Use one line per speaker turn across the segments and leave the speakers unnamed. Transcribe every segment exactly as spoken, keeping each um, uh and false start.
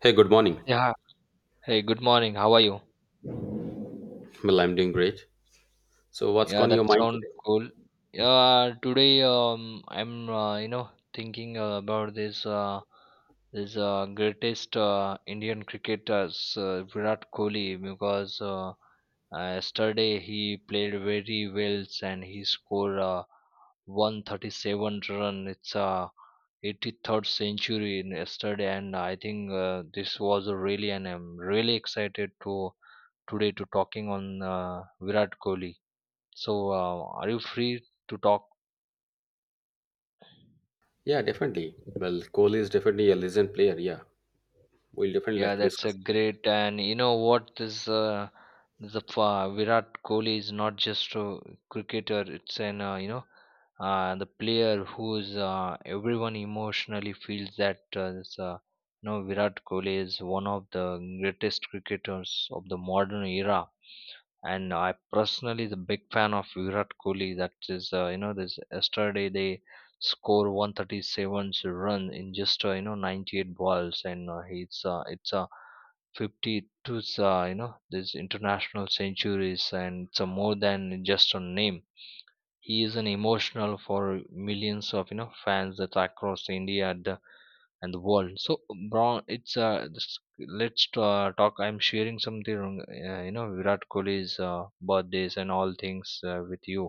Hey, good morning.
Yeah. Hey, good morning. How are you?
Well, I'm doing great. So, what's
Yeah,
on
that
your mind
sounds
today?
cool. Yeah, today um, I'm uh, you know thinking uh, about this uh, this uh, greatest uh, Indian cricketers uh, Virat Kohli because uh, uh, yesterday he played very well and he scored uh, one hundred thirty-seven run. It's uh, eighty-third century in yesterday, and I think uh, this was really and I'm really excited to today to talking on uh, Virat Kohli. So, uh, are you free to talk?
Yeah, definitely. Well, Kohli is definitely a legend player. Yeah, we'll definitely like
Yeah,
to
that's a
discuss.
great. And you know what? This uh, the uh, Virat Kohli is not just a cricketer. It's an uh, you know uh, the player who's uh, everyone emotionally feels that uh, this, uh, you know Virat Kohli is one of the greatest cricketers of the modern era. And I personally is a big fan of Virat Kohli. That is, uh, you know, this yesterday they score one hundred thirty-seven run in just uh, you know ninety-eight balls, and uh, it's uh, it's a uh, fifty-two uh, you know this international centuries, and it's uh, more than just a name. He is an emotional for millions of you know fans that across India and the world. So bro, it's uh this- let's uh, talk. I'm sharing something uh, you know Virat Kohli's uh, birthdays and all things uh, with you.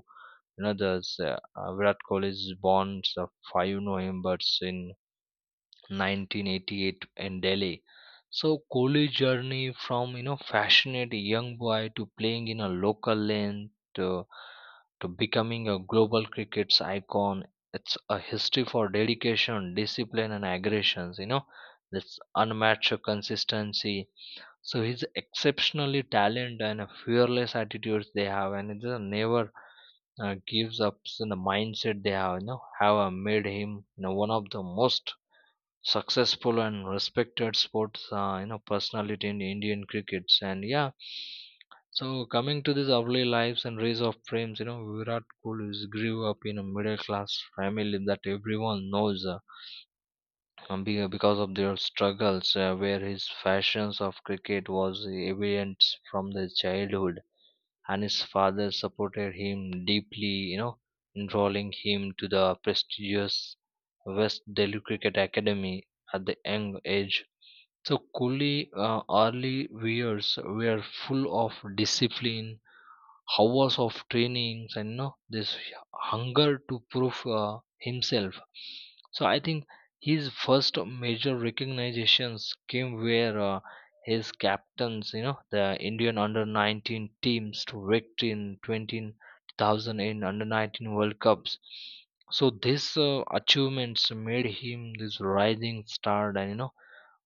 You know there's uh, uh, Virat Kohli's born uh, five november in nineteen eighty-eight in delhi. So Kohli journey from you know passionate young boy to playing in a local lane to to becoming a global cricket's icon. It's a history for dedication, discipline and aggressions, you know this unmatched consistency. So he's exceptionally talented and a fearless attitudes they have and it just never uh, gives up in the mindset they have, you know have uh, made him you know one of the most successful and respected sports uh, you know personality in Indian crickets. And yeah, so coming to this early lives and raise of frames, you know, Virat Kohli is grew up in a middle class family that everyone knows uh, um, be- uh, because of their struggles, uh, where his passions of cricket was evident from the childhood, and his father supported him deeply, you know, enrolling him to the prestigious West Delhi Cricket Academy at the young age. So Kohli uh, early years were full of discipline, hours of trainings and you know this hunger to prove uh, himself. So I think his first major recognitions came where uh, his captains, you know, the Indian under nineteen teams to victory in twenty hundred in under nineteen world cups. So this uh, achievements made him this rising star and, you know,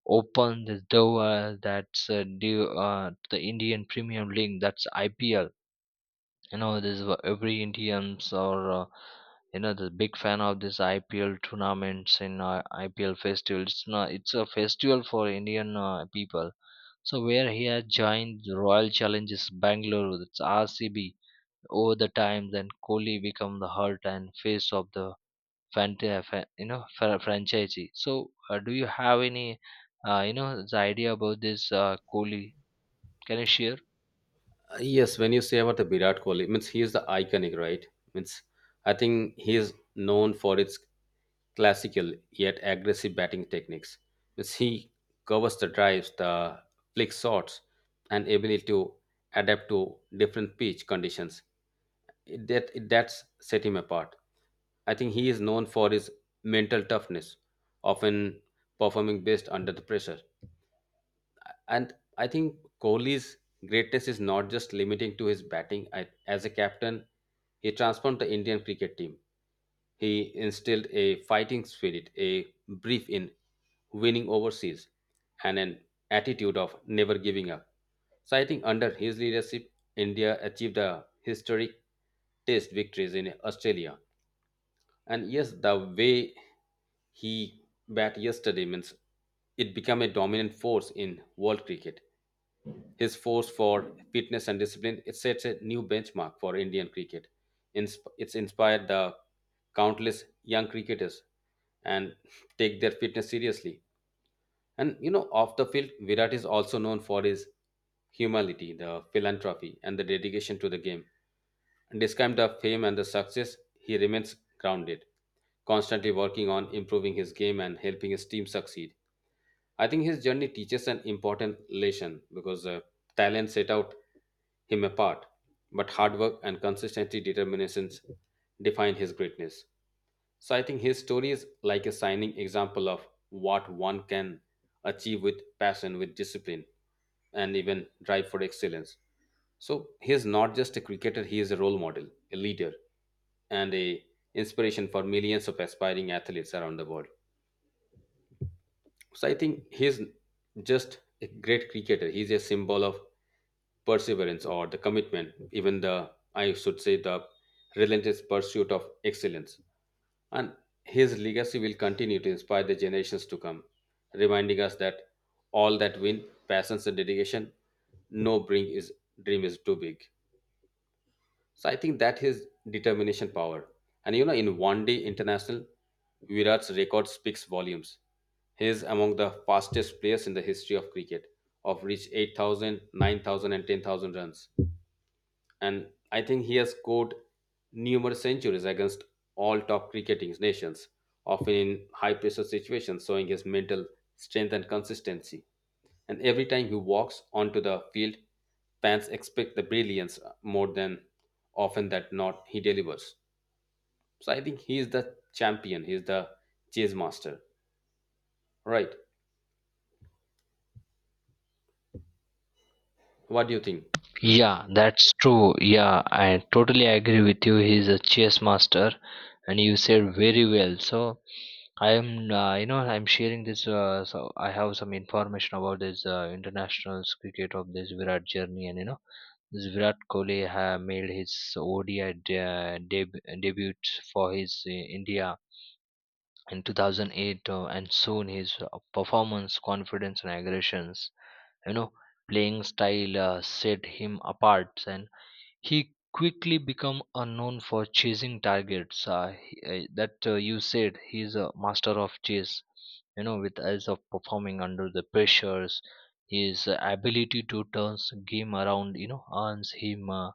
opened the door that's uh, due uh, to the Indian Premier League, that's IPL. you know this wha- every Indians or uh, you know the big fan of this I P L tournaments, and uh, I P L, it's not; it's a festival for Indian uh, people. So where he has joined the Royal Challenges Bangalore, that's R C B. Over the time, then Kohli become the heart and face of the fanta- uh, fa- you know fra- franchisee. So uh, do you have any uh, you know the idea about this uh, Kohli? Can you share?
Uh, yes, when you say about the Virat Kohli, means he is the iconic, right? Means I think he is known for its classical yet aggressive batting techniques. Means he covers the drives, the flick shots, and ability to adapt to different pitch conditions. It- that it- that's set him apart. I think he is known for his mental toughness, often performing best under the pressure. And I think Kohli's greatness is not just limiting to his batting. I, as a captain, he transformed the Indian cricket team. He instilled a fighting spirit, a belief in winning overseas, and an attitude of never giving up. So I think under his leadership, India achieved a historic test victories in Australia. And yes, the way he bat yesterday means it became a dominant force in world cricket. His force for fitness and discipline it sets a new benchmark for Indian cricket. Insp- It's inspired the countless young cricketers and take their fitness seriously. And you know, off the field, Virat is also known for his humility, the philanthropy, and the dedication to the game. And despite the fame and the success, he remains grounded, constantly working on improving his game and helping his team succeed. I think his journey teaches an important lesson because uh, talent set out him apart, but hard work and consistency determinations define his greatness. So I think his story is like a shining example of what one can achieve with passion, with discipline, and even drive for excellence. So he is not just a cricketer, he is a role model, a leader, and a inspiration for millions of aspiring athletes around the world. So I think he's just a great cricketer. He's a symbol of perseverance or the commitment, even the I should say the relentless pursuit of excellence. And his legacy will continue to inspire the generations to come, reminding us that all that win, passions and dedication, no bring is dream is too big. So I think that his determination power. And you know, in one day international, Virat's record speaks volumes. He is among the fastest players in the history of cricket, of reach eight thousand, nine thousand, and ten thousand runs, and I think he has scored numerous centuries against all top cricketing nations, often in high pressure situations, showing his mental strength and consistency. And every time he walks onto the field, fans expect the brilliance more than often that not he delivers. So I think he is the champion, he is the chase master. Right. What do you think?
Yeah, that's true. Yeah, I totally agree with you. He's a chess master, and you said very well. So I am, uh, you know, I'm sharing this. Uh, so I have some information about this uh, international cricket of this Virat journey, and you know, this Virat Kohli ha made his O D I de- uh, deb- debut for his uh, India in two thousand eight, uh, and soon his uh, performance, confidence, and aggressions, you know, playing style uh, set him apart, and he quickly become unknown for chasing targets. Uh, he- uh, that uh, you said he's a master of chase. You know, with eyes of performing under the pressures, his ability to turn game around, you know, earns him uh,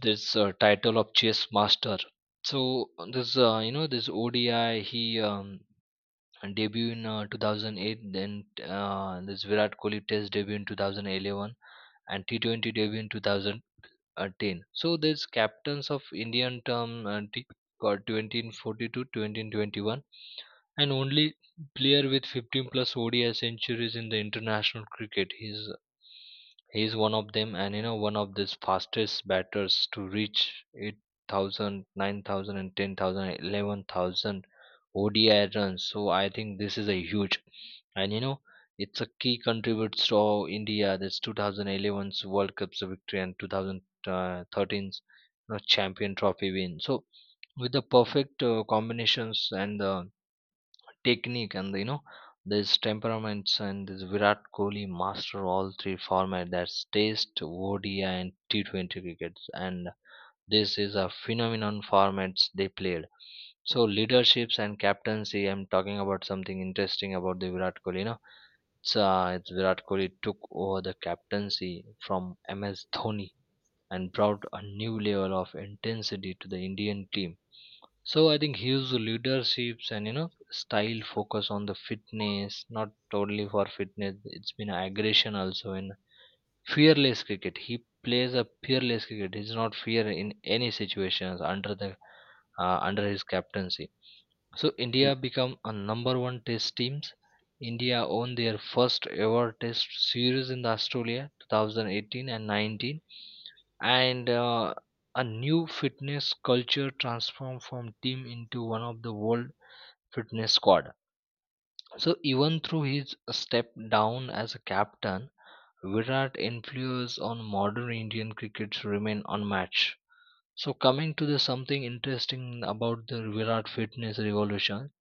this uh, title of chess master. So this uh, you know this O D I he um, debut in uh, two thousand eight, then uh, this Virat Kohli test debut in two thousand eleven, and T twenty debut in two thousand uh, ten. So there's captains of Indian term uh, t- called twenty forty-two, twenty twenty-one, and only player with fifteen plus O D I centuries in the international cricket. He's he is one of them, and you know one of the fastest batters to reach eight thousand, nine thousand, and ten thousand, eleven thousand O D I runs. So I think this is a huge, and you know, it's a key contributes to our India. This two thousand eleven's World Cup's victory and twenty thirteen's, you know, Champion Trophy win. So with the perfect uh, combinations and the technique and, you know, there's temperaments, and this Virat Kohli master all three format, that's Test, O D I and T twenty crickets, and this is a phenomenon formats they played. So leaderships and captaincy. I'm talking about something interesting about the Virat Kohli. You know, it's, uh, it's Virat Kohli took over the captaincy from M S Dhoni and brought a new level of intensity to the Indian team. So I think his leaderships and, you know, style focus on the fitness, not totally for fitness. It's been aggression also in fearless cricket. He plays a fearless cricket. He's not fear in any situations under the uh, under his captaincy. So India become a number one test teams. India won their first ever test series in the Australia two thousand eighteen and nineteen, and uh, a new fitness culture transformed from team into one of the world fitness squad. So even through his step down as a captain, Virat influence on modern Indian cricket remain unmatched. So coming to the something interesting about the Virat fitness revolution,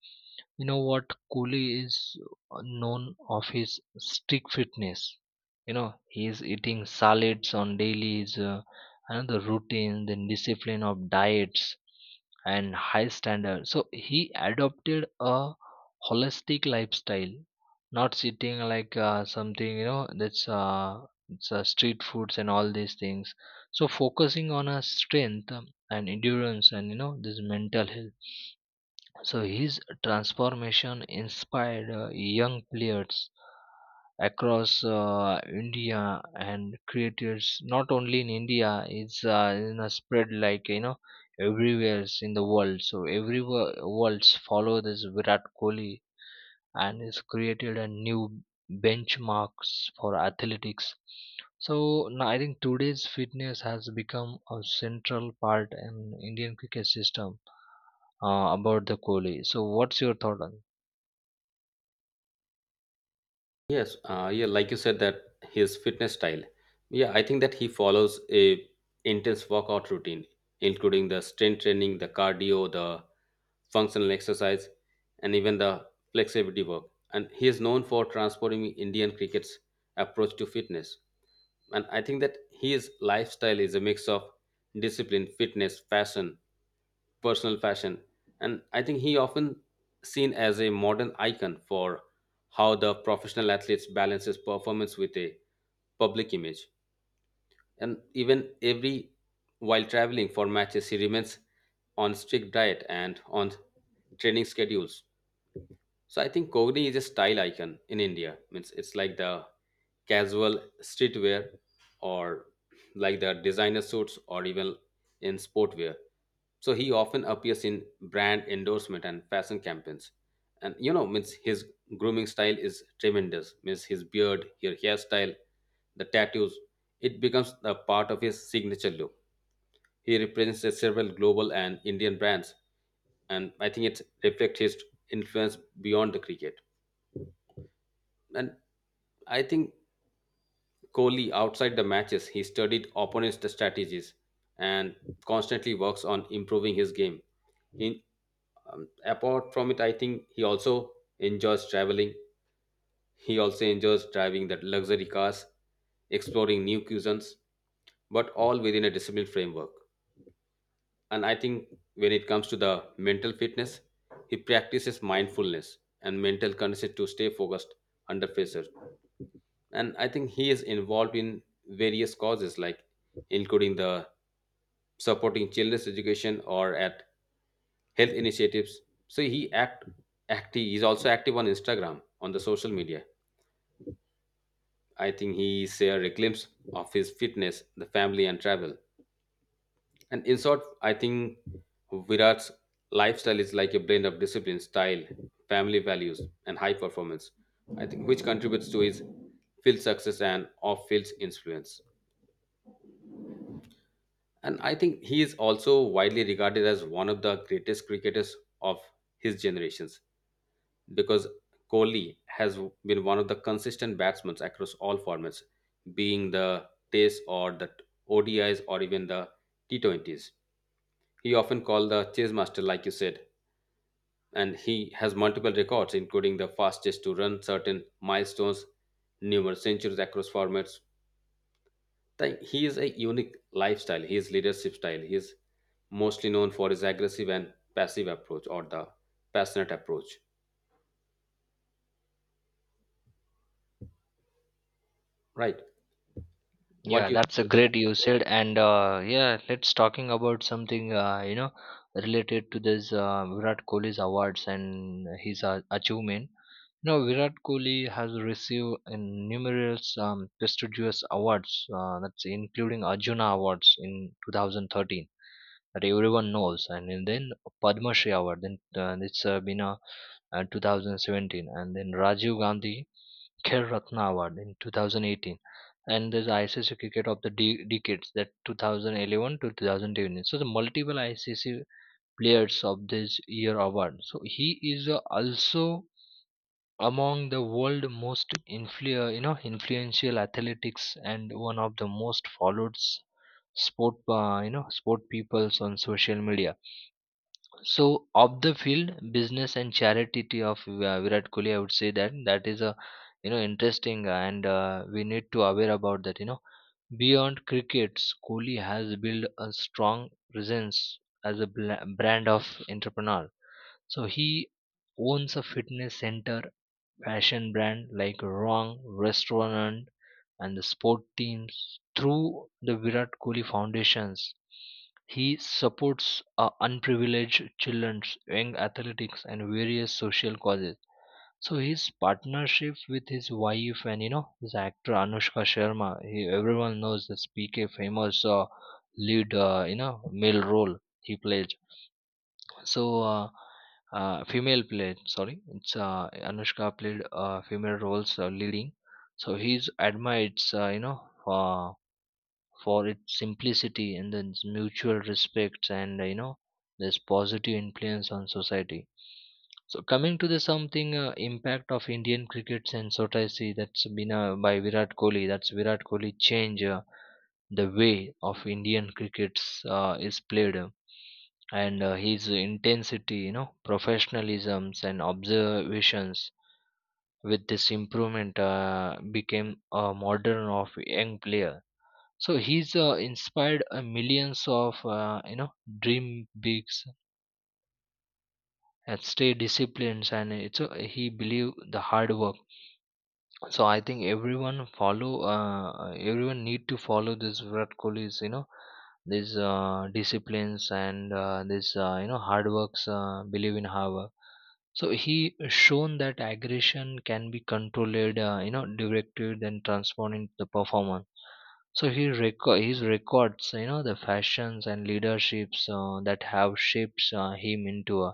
you know what, Kohli is known of his strict fitness. You know, he is eating salads on dailies, uh, another routine, then discipline of diets and high standard. So he adopted a holistic lifestyle, not sitting like uh, something, you know, that's uh, it's uh, street foods and all these things, so focusing on her strength um, and endurance and, you know, this mental health. So his transformation inspired uh, young players across uh, India, and creators not only in India, it's uh, you know, spread like, you know, everywhere in the world, so everywhere worlds follow this Virat Kohli and has created a new benchmarks for athletics. So now I think today's fitness has become a central part in Indian cricket system uh, about the Kohli, so what's your thought on?
Yes, uh, yeah, like you said that his fitness style. Yeah, I think that he follows a intense workout routine, including the strength training, the cardio, the functional exercise, and even the flexibility work. And he is known for transforming Indian cricket's approach to fitness. And I think that his lifestyle is a mix of discipline, fitness, fashion, personal fashion, and I think he often seen as a modern icon for how the professional athletes balances performance with a public image, and even every while traveling for matches he remains on strict diet and on training schedules. So I think Kogni is a style icon in India. Means it's like the casual streetwear or like the designer suits or even in sportwear. So he often appears in brand endorsement and fashion campaigns. And you know, means his grooming style is tremendous. Means his beard, his hairstyle, the tattoos, it becomes a part of his signature look. He represents the several global and Indian brands, and I think it reflects his influence beyond the cricket. And I think Kohli, outside the matches, he studied opponents' strategies and constantly works on improving his game. In um, Apart from it, I think he also enjoys traveling. He also enjoys driving that luxury cars, exploring new cuisines, but all within a disciplined framework. And I think when it comes to the mental fitness, he practices mindfulness and mental condition to stay focused under pressure. And I think he is involved in various causes like including the supporting children's education or at health initiatives. So he act active he's also active on Instagram on the social media. I think he shared a glimpse of his fitness, the family, and travel. And in short, I think Virat's lifestyle is like a blend of discipline, style, family values, and high performance, I think, which contributes to his field success and off-field influence. And I think he is also widely regarded as one of the greatest cricketers of his generations, because Kohli has been one of the consistent batsmen across all formats, being the Test or the O D Is or even the T twenty s. He often called the chase master, like you said, and he has multiple records, including the fastest to run certain milestones, numerous centuries across formats. Like, he is a unique lifestyle, his leadership style. He is mostly known for his aggressive and passive approach or the passionate approach, right? What
Yeah,
do you
that's a great you said, and uh, yeah, let's talking about something uh, you know related to this uh, Virat Kohli's awards and his uh, achievement. You know, Virat Kohli has received in numerous um, prestigious awards, uh, that's including Arjuna Awards in two thousand thirteen that everyone knows, and then then Padma Shri Award, then uh, it's uh, been a uh, two thousand seventeen, and then Rajiv Gandhi Khel Ratna Award in two thousand eighteen, and there's I C C cricket of the de- decades, that two thousand eleven to two thousand twenty. So the multiple I C C players of this year award, so he is uh, also among the world most influ- uh, you know influential athletics, and one of the most followed s- sport uh, you know sport peoples on social media. So, of the field, business and charity of uh, Virat Kohli, I would say that that is a, you know, interesting, uh, and uh, we need to aware about that. You know, beyond crickets, Kohli has built a strong presence as a bla- brand of entrepreneur. So he owns a fitness center, fashion brand like Wrong, Restaurant, and the sport teams through the Virat Kohli foundations. He supports uh, unprivileged children, young athletics, and various social causes. So his partnership with his wife and, you know, this actor Anushka Sharma, he, everyone knows this P K famous uh, lead uh, you know male role he played. So, uh, uh, female played, sorry, it's uh, Anushka played uh, female roles uh, leading. So he's admired, uh, you know, uh, for its simplicity, and then its mutual respect, and, uh, you know, this positive influence on society. So coming to the something uh, impact of Indian cricket and Sotasi that's been uh, by Virat Kohli. That's Virat Kohli change uh, the way of Indian crickets uh, is played, and uh, his intensity, you know, professionalisms and observations with this improvement uh, became a modern of young player. So he's uh, inspired uh, millions of, uh, you know dream bigs and stay disciplines, and it's a, he believe the hard work. So I think everyone follow uh, uh, everyone need to follow this Virat Kohli's, you know, these uh, disciplines, and uh, this uh, you know hard works uh, believe in hard work. So he shown that aggression can be controlled, uh, you know directed and transformed into the performance. So he reco- his records, you know, the fashions and leaderships uh, that have shaped uh, him into a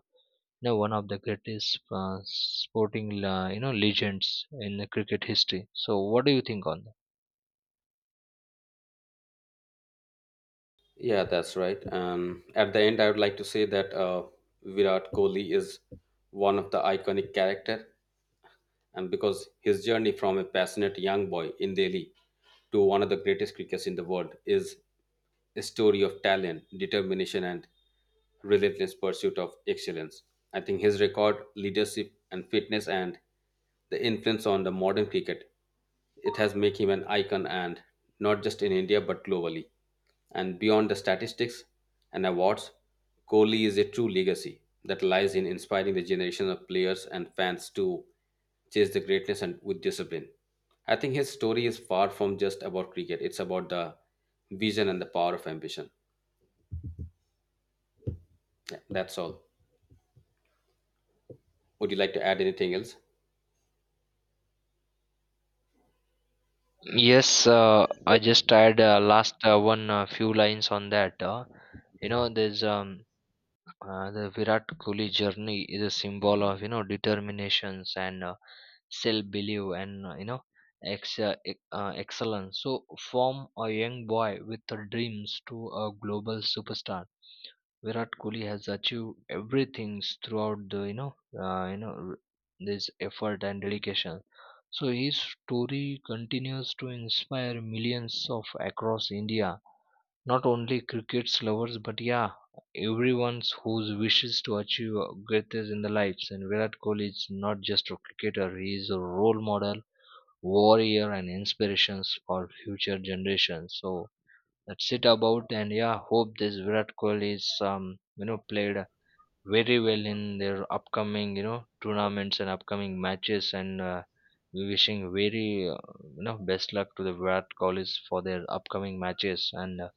know one of the greatest uh, sporting uh, you know legends in the cricket history. So what do you think on that?
Yeah, that's right. And at the end, I would like to say that uh, Virat Kohli is one of the iconic character, and because his journey from a passionate young boy in Delhi to one of the greatest cricketers in the world is a story of talent, determination, and relentless pursuit of excellence. I think his record, leadership, and fitness, and the influence on the modern cricket, it has made him an icon, and not just in India but globally. And beyond the statistics and awards, Kohli is a true legacy that lies in inspiring the generation of players and fans to chase the greatness and with discipline. I think his story is far from just about cricket. It's about the vision and the power of ambition. Yeah, that's all. Would you like to add anything else?
Yes, uh, I just add uh, last uh, one uh, few lines on that. uh, you know there's um uh, the Virat Kohli journey is a symbol of, you know, determinations and uh, self belief and uh, you know ex- uh, ex- uh, excellence. So from a young boy with uh, dreams to a global superstar, Virat Kohli has achieved everything throughout the, you know uh, you know r- this effort and dedication. So his story continues to inspire millions of across India, not only cricket lovers but yeah, everyone who wishes to achieve greatness in their lives. And Virat Kohli is not just a cricketer; he is a role model, warrior, and inspirations for future generations. So that's it about, and yeah, hope this Virat Kohli is um you know played very well in their upcoming, you know tournaments and upcoming matches, and uh, we wishing very uh, you know best luck to the Virat Kohlis for their upcoming matches, and uh,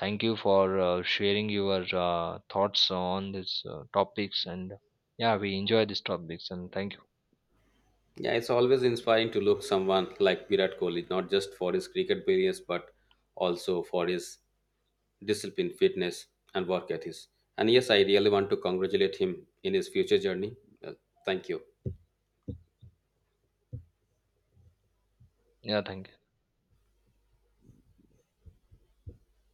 thank you for uh, sharing your uh, thoughts on these uh, topics, and yeah, we enjoy these topics, and thank you.
Yeah, it's always inspiring to look someone like Virat Kohli, not just for his cricket brilliance, but also for his discipline, fitness, and work ethics. And yes, I really want to congratulate him in his future journey. Well, thank you.
Yeah, thank you.